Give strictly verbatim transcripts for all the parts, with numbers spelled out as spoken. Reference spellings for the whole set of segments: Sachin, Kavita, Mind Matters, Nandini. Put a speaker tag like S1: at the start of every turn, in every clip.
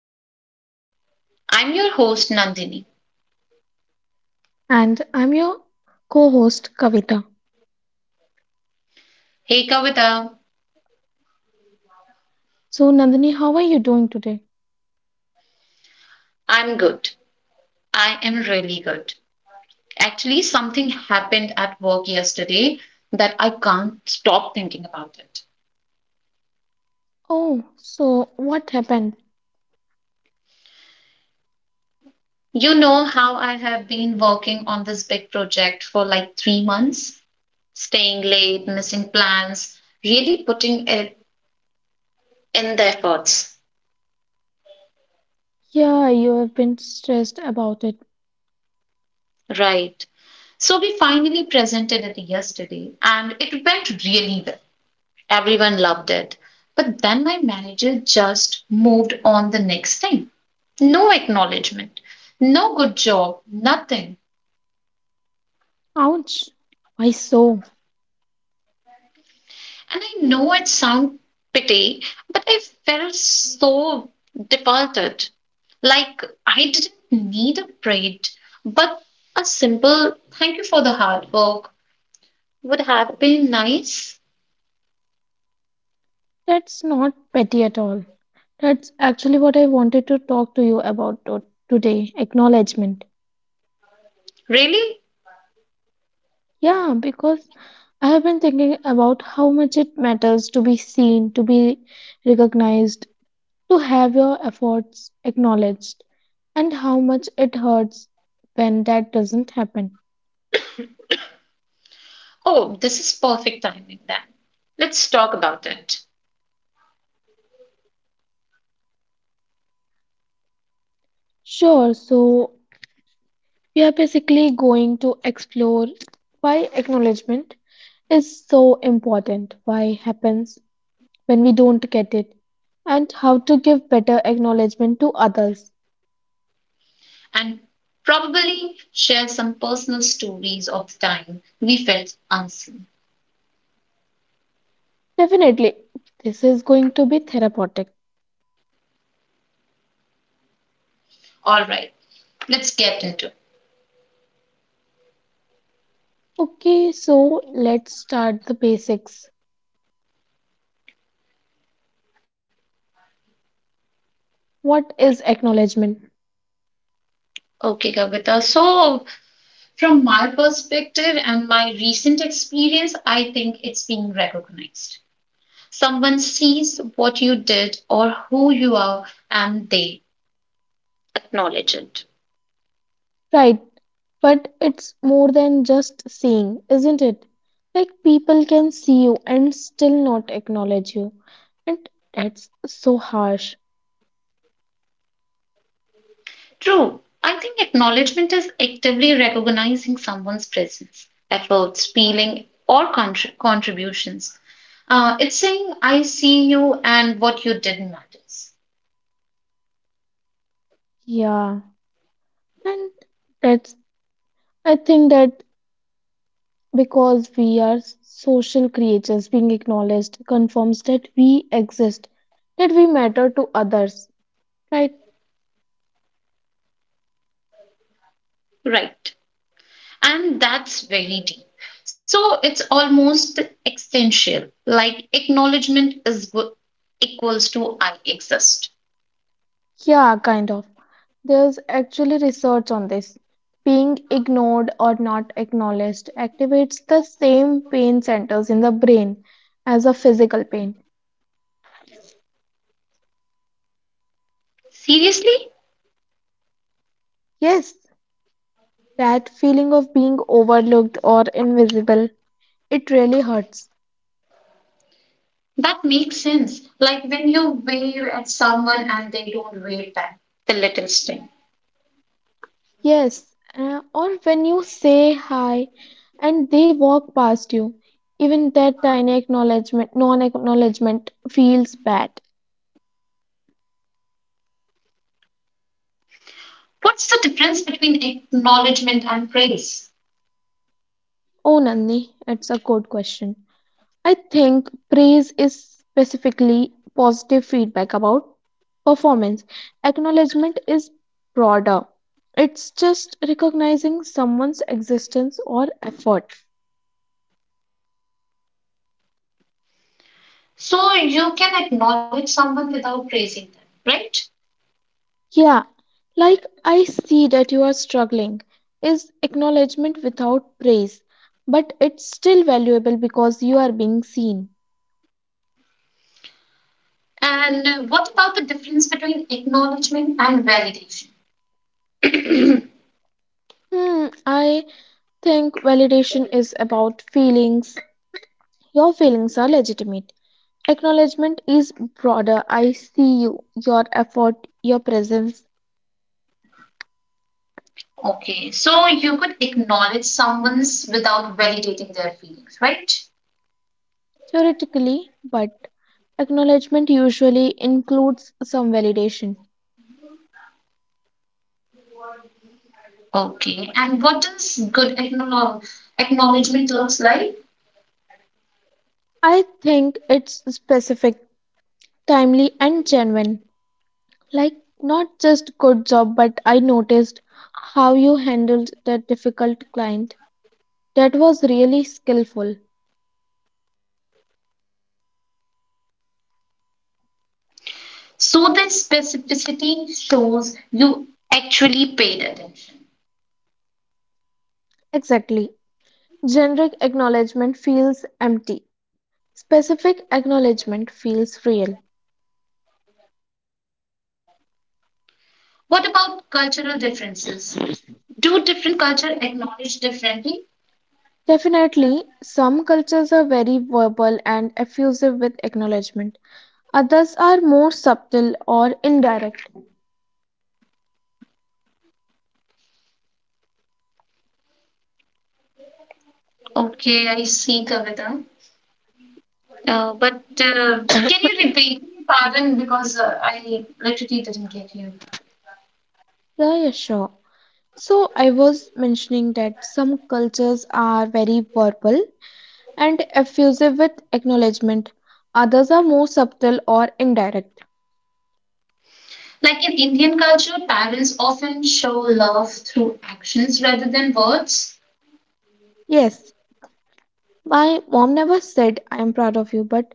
S1: Matters. I'm your host, Nandini.
S2: And I'm your co host, Kavita.
S1: Hey, Kavita.
S2: So, Nandini, how are you doing today?
S1: I'm good. I am really good. Actually, something happened at work yesterday that I can't stop thinking about it.
S2: Oh, so what happened?
S1: You know how I have been working on this big project for like three months, staying late, missing plans, really putting it in the efforts.
S2: Yeah, you have been stressed about it.
S1: Right. So we finally presented it yesterday and it went really well. Everyone loved it. But then my manager just moved on the next thing. No acknowledgement, no good job, nothing.
S2: Ouch. Why so?
S1: And I know it sounds pity, but I felt so defaulted. Like I didn't need a parade, but a simple thank you for the hard work would have been nice.
S2: That's not petty at all. That's actually what I wanted to talk to you about to- today, acknowledgement.
S1: Really?
S2: Yeah, because I have been thinking about how much it matters to be seen, to be recognized, to have your efforts acknowledged, and how much it hurts when that doesn't happen.
S1: Oh, this is perfect timing then. Let's talk about it
S2: Sure, so we are basically going to explore why acknowledgement is so important, why happens when we don't get it, and how to give better acknowledgement to others.
S1: and probably share some personal stories of the time we felt unseen.
S2: Definitely, this is going to be therapeutic.
S1: All right, let's get into it.
S2: Okay, so let's start the basics. What is acknowledgement?
S1: Okay, Kavita. So, from my perspective and my recent experience, I think it's being recognized. Someone sees what you did or who you are and they acknowledge it.
S2: Right, but it's more than just seeing, isn't it? Like people can see you and still not acknowledge you. And that's so harsh.
S1: True. I think acknowledgement is actively recognizing someone's presence, efforts, feeling, or contr- contributions. Uh, it's saying, I see you and what you did matters.
S2: Yeah. And that's, I think that because we are social creatures, being acknowledged confirms that we exist, that we matter to others, right?
S1: Right. And that's very deep. So it's almost existential, like acknowledgement is w- equals to I exist.
S2: Yeah, kind of. There's actually research on this. Being ignored or not acknowledged activates the same pain centers in the brain as a physical pain.
S1: Seriously?
S2: Yes, that feeling of being overlooked or invisible, it really hurts.
S1: That makes sense. Like when you wave at someone and they don't wave back, the little sting.
S2: Yes, uh, or when you say hi and they walk past you, even that tiny acknowledgement, non acknowledgement feels bad.
S1: What's the difference between acknowledgement and praise?
S2: Oh, Nandini, it's a good question. I think praise is specifically positive feedback about performance. Acknowledgement is broader, it's just recognizing someone's existence or effort.
S1: So you can acknowledge someone without praising them, right?
S2: Yeah, like I see that you are struggling is acknowledgement without praise, but it's still valuable because you are being seen.
S1: And what about the difference between acknowledgement and validation?
S2: Hmm, I think validation is about feelings. Your feelings are legitimate. Acknowledgement is broader. I see you, your effort, your presence,
S1: Okay, so you could acknowledge someone's without validating their feelings, right?
S2: theoretically, but acknowledgement usually includes some validation.
S1: Okay, and what does good acknowledge, acknowledgement looks like?
S2: I think it's specific, timely, and genuine. Like, not just good job, but I noticed how you handled that difficult client. That was really skillful.
S1: So the specificity shows you actually paid attention.
S2: Exactly. Generic acknowledgement feels empty. Specific acknowledgement feels real.
S1: What about cultural differences? Do different culture acknowledge differently?
S2: Definitely, some cultures are very verbal and effusive with acknowledgement. Others are more subtle or indirect.
S1: Okay, I see, Kavita. Uh, but uh, can you repeat? Pardon, because uh, I literally didn't get you.
S2: Yeah, yeah, sure. So, I was mentioning that some cultures are very verbal and effusive with acknowledgement. Others are more subtle or indirect.
S1: Like in Indian culture, parents often show love through actions rather than words.
S2: Yes, my mom never said I am proud of you, but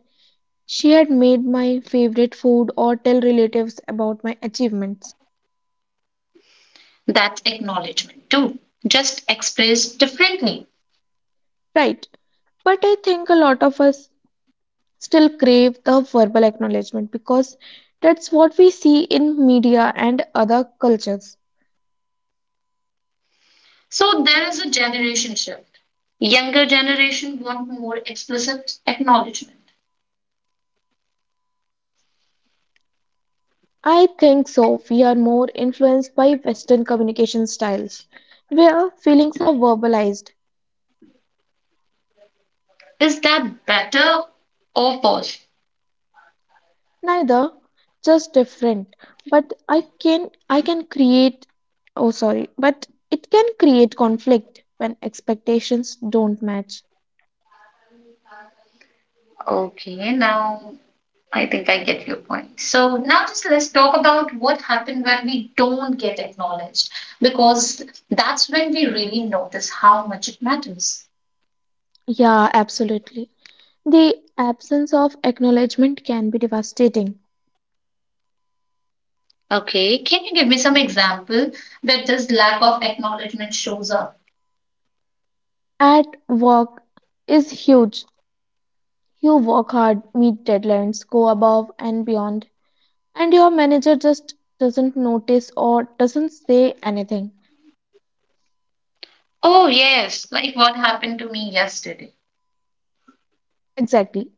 S2: she had made my favorite food or tell relatives about my achievements.
S1: That's acknowledgement too, just expressed differently.
S2: Right. But I think a lot of us still crave the verbal acknowledgement because that's what we see in media and other cultures.
S1: So there is a generation shift. Younger generation want more explicit acknowledgement.
S2: I think so. We are more influenced by Western communication styles where feelings are verbalized.
S1: Is that better or worse?
S2: Neither, just different. But I can I can create oh sorry, but it can create conflict when expectations don't match.
S1: Okay, now I think I get your point. So now just let's talk about what happened when we don't get acknowledged, because that's when we really notice how much it matters.
S2: Yeah, absolutely. The absence of acknowledgement can be devastating.
S1: Okay, can you give me some example that this lack of acknowledgement shows up?
S2: At work is huge. You work hard, meet deadlines, go above and beyond, and your manager just doesn't notice or doesn't say anything.
S1: Oh yes, like what happened to me yesterday.
S2: Exactly.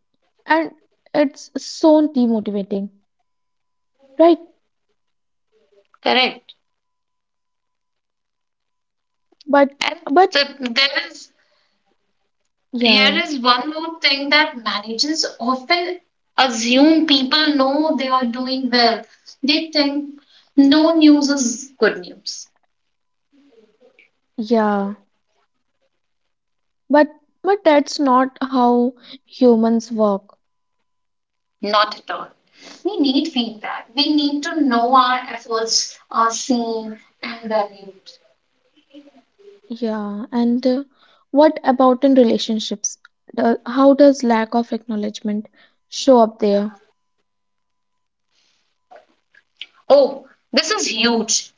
S2: And it's so demotivating, right?
S1: Correct.
S2: But
S1: And
S2: but
S1: the, there is
S2: yeah,
S1: Here
S2: yeah.
S1: is one more thing that managers often assume people know they are doing well. They think no news is good news.
S2: Yeah. But but that's not how humans work.
S1: Not at all. We need feedback. We need to know our efforts are seen and valued.
S2: Yeah. And uh, what about in relationships? The, how does lack of acknowledgement show up there?
S1: Oh, this is huge.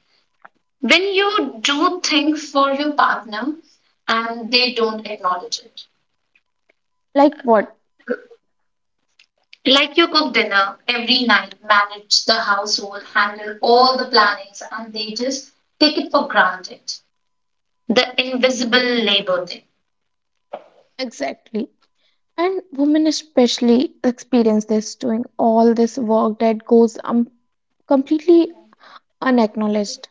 S1: When you do things for your partner and they don't acknowledge it,
S2: Like what?
S1: like you cook dinner every night, manage the household, handle all the plannings, and they just take it for granted. The invisible labor thing.
S2: Exactly. And women especially experience this doing all this work that goes um, completely unacknowledged.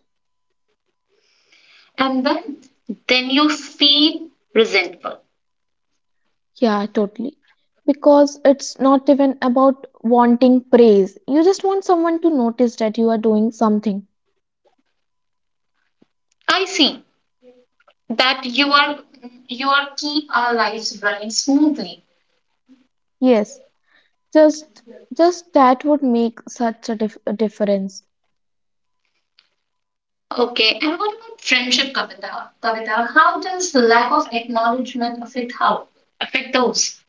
S1: And then, then you feel resentful.
S2: Yeah, totally. Because it's not even about wanting praise. You just want someone to notice that you are doing something.
S1: I see. That you are You are keep our lives running smoothly.
S2: Yes, just just that would make such a, dif a difference.
S1: Okay, and what about friendship, Kavita? Kavita, how does the lack of acknowledgement affect how affect those?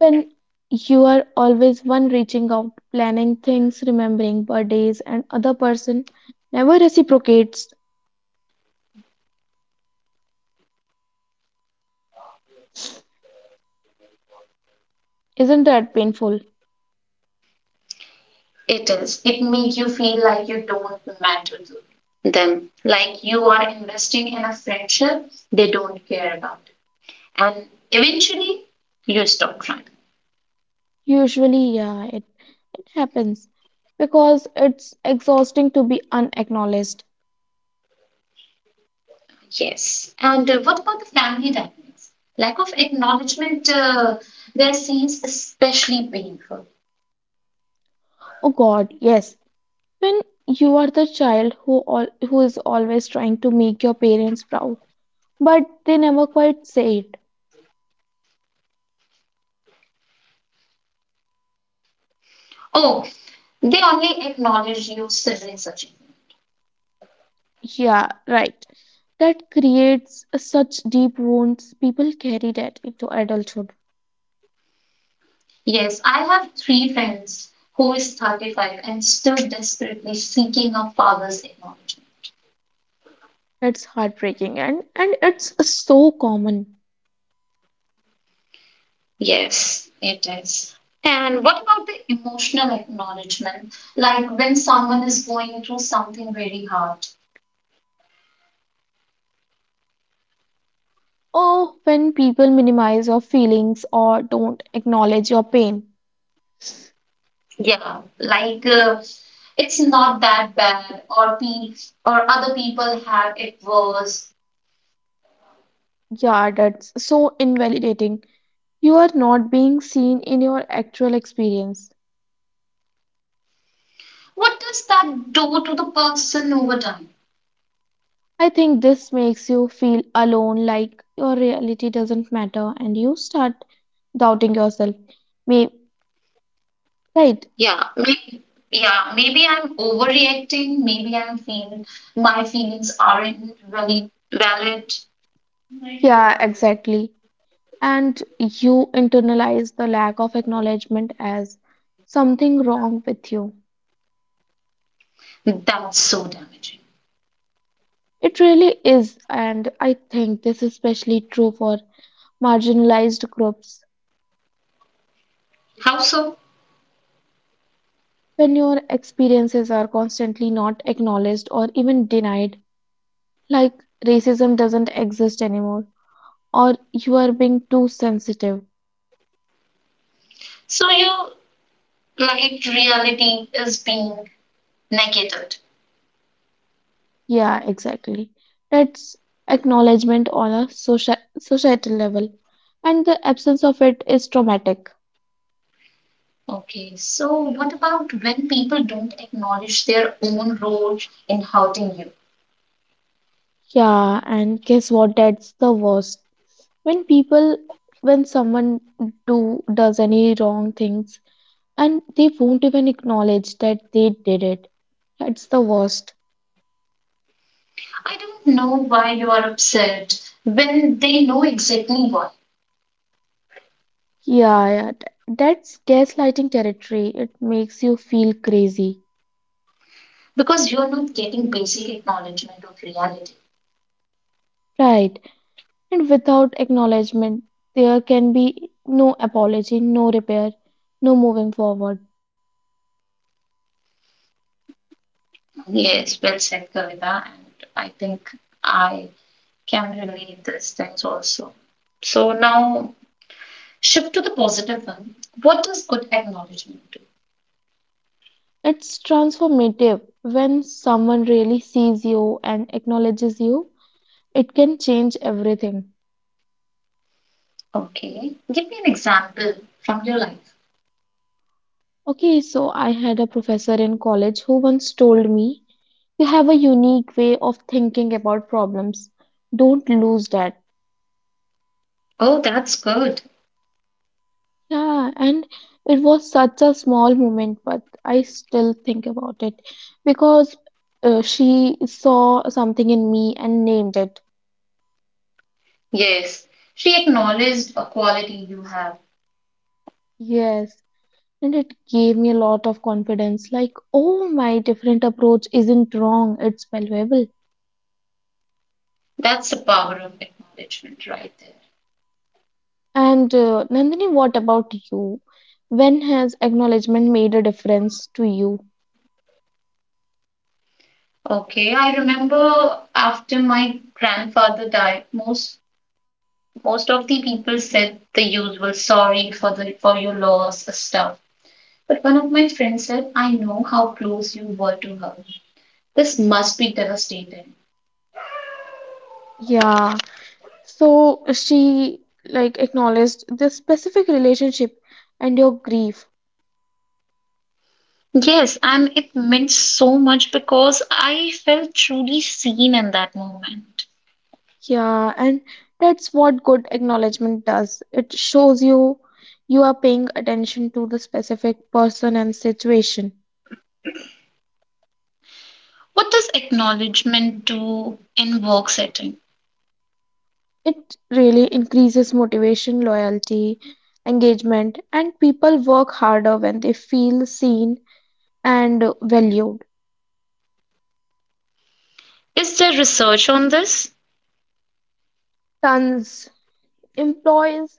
S2: When you are always one reaching out, planning things, remembering birthdays, and other person never reciprocates. Isn't that painful?
S1: It is. It makes you feel like you don't matter to them, like you are investing in a friendship they don't care about, and eventually you stop trying.
S2: Usually, yeah, it, it happens because it's exhausting to be unacknowledged.
S1: Yes. And uh, what about the family dynamics? Lack of acknowledgement uh, there seems especially painful.
S2: Oh God, yes. When you are the child who all, who is always trying to make your parents proud, but they never quite say it.
S1: Oh, they only acknowledge you civil Sachin.
S2: Yeah, right. That creates such deep wounds. People carry that into adulthood.
S1: Yes, I have three friends who is thirty-five and still desperately seeking a father's acknowledgement.
S2: That's heartbreaking, and and it's so common.
S1: Yes, it is. And what about the emotional acknowledgement? Like when someone is going through something very hard.
S2: Or when people minimize your feelings or don't acknowledge your pain.
S1: Yeah, like uh, it's not that bad, or pe- or other people have it worse.
S2: Yeah, that's so invalidating. You are not being seen in your actual experience.
S1: What does that do to the person over time?
S2: I think this makes you feel alone, like your reality doesn't matter, and you start doubting yourself. May right?
S1: Yeah, Yeah, maybe I'm overreacting. Maybe I'm feel my feelings aren't really valid.
S2: Yeah, exactly. And you internalize the lack of acknowledgement as something wrong with you.
S1: That's so damaging.
S2: It really is, and I think this is especially true for marginalized groups.
S1: How so?
S2: When your experiences are constantly not acknowledged or even denied, like racism doesn't exist anymore, or you are being too sensitive.
S1: So your light reality is being negated.
S2: Yeah, exactly. That's acknowledgement on a soci- societal level, and the absence of it is traumatic.
S1: Okay, so what about when people don't acknowledge their own role in hurting you?
S2: Yeah, and guess what? That's the worst. When people when someone do does any wrong things and they won't even acknowledge that they did it, that's the worst.
S1: I don't know why you are upset when they know exactly why.
S2: Yeah, yeah, th- that's gaslighting territory. It makes you feel crazy,
S1: Because you're not getting basic acknowledgement of reality.
S2: right? And without acknowledgement there can be no apology, no repair, no moving forward.
S1: Yes, well said, Kavita, and I think I can relate these things also. So now shift to the positive one. What does good acknowledgement do?
S2: It's transformative. When someone really sees you and acknowledges you, it can change everything.
S1: Okay, give me an example from your life.
S2: Okay, so I had a professor in college who once told me, you have a unique way of thinking about problems. Don't lose that.
S1: Oh, that's good.
S2: Yeah, and it was such a small moment, but I still think about it because uh, she saw something in me and named it.
S1: Yes, she acknowledged a quality you have.
S2: Yes, and it gave me a lot of confidence, like, oh, my different approach isn't wrong, it's valuable.
S1: That's the power of acknowledgement right there.
S2: And uh, Nandini, what about you? When has acknowledgement made a difference to you?
S1: Okay, I remember after my grandfather died, most most of the people said the usual sorry for the for your loss stuff. But one of my friends said, I know how close you were to her. This must be devastating.
S2: Yeah, so she like acknowledged the specific relationship and your grief.
S1: Yes, and it meant so much because I felt truly seen in that moment.
S2: Yeah, and that's what good acknowledgement does. It shows you you are paying attention to the specific person and situation.
S1: What does acknowledgement do in work setting?
S2: It really increases motivation, loyalty, engagement, and people work harder when they feel seen and valued.
S1: Is there research on this?
S2: Tons. employees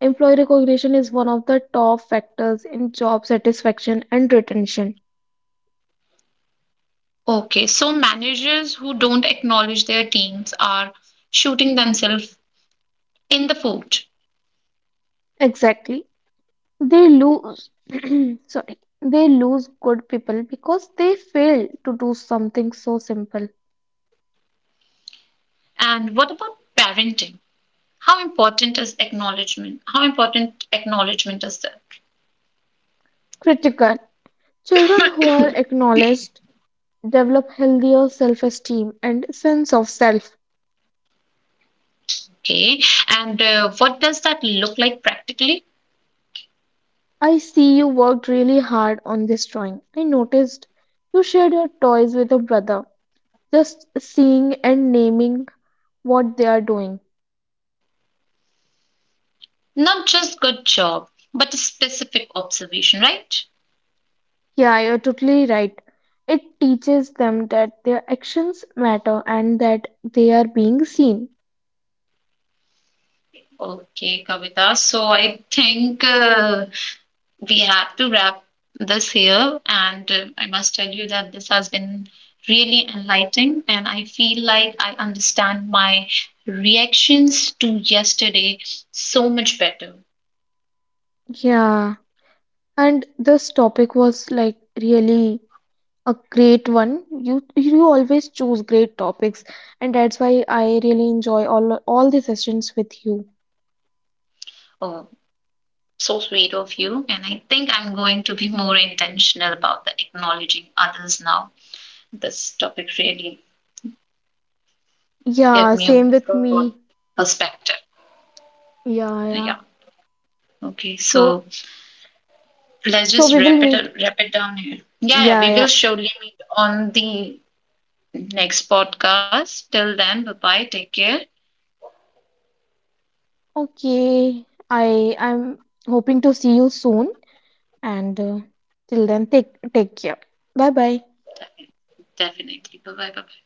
S2: Employee recognition is one of the top factors in job satisfaction and retention.
S1: Okay, so managers who don't acknowledge their teams are shooting themselves in the foot.
S2: Exactly. They lose sorry, they lose good people because they fail to do something so simple.
S1: And what about parenting? How important is acknowledgement how important acknowledgement is
S2: Critical. Children who are
S1: that?
S2: acknowledged develop healthier self-esteem and sense of self.
S1: Okay, and uh, what does that look like practically,
S2: I see you worked really hard on this drawing. I noticed you shared your toys with your brother. Just seeing and naming what they are doing.
S1: not just good job but a specific observation, right?
S2: Yeah, you're totally right. It teaches them that their actions matter and that they are being seen.
S1: Okay, Kavita, so I think uh, we have to wrap this here, and uh, I must tell you that this has been really enlightening, and I feel like I understand my reactions to yesterday so much better.
S2: Yeah, and this topic was like really a great one. You you always choose great topics, and that's why I really enjoy all all the sessions with you.
S1: Oh, so sweet of you. And I think I'm going to be more intentional about the acknowledging others now. This topic really gave
S2: Yeah,
S1: me a
S2: same with
S1: broad
S2: me.
S1: perspective.
S2: Yeah,
S1: Yeah.
S2: yeah.
S1: Okay. So
S2: So
S1: let's
S2: so
S1: just
S2: we will
S1: wrap it
S2: meet.
S1: wrap it down here. Yeah, yeah.
S2: Yeah,
S1: We will
S2: yeah.
S1: surely meet on the next podcast. Till then, bye bye. Take care.
S2: Okay, I I'm hoping to see you soon and uh, till then take take care. Bye bye.
S1: Definitely. Bye bye. Bye bye.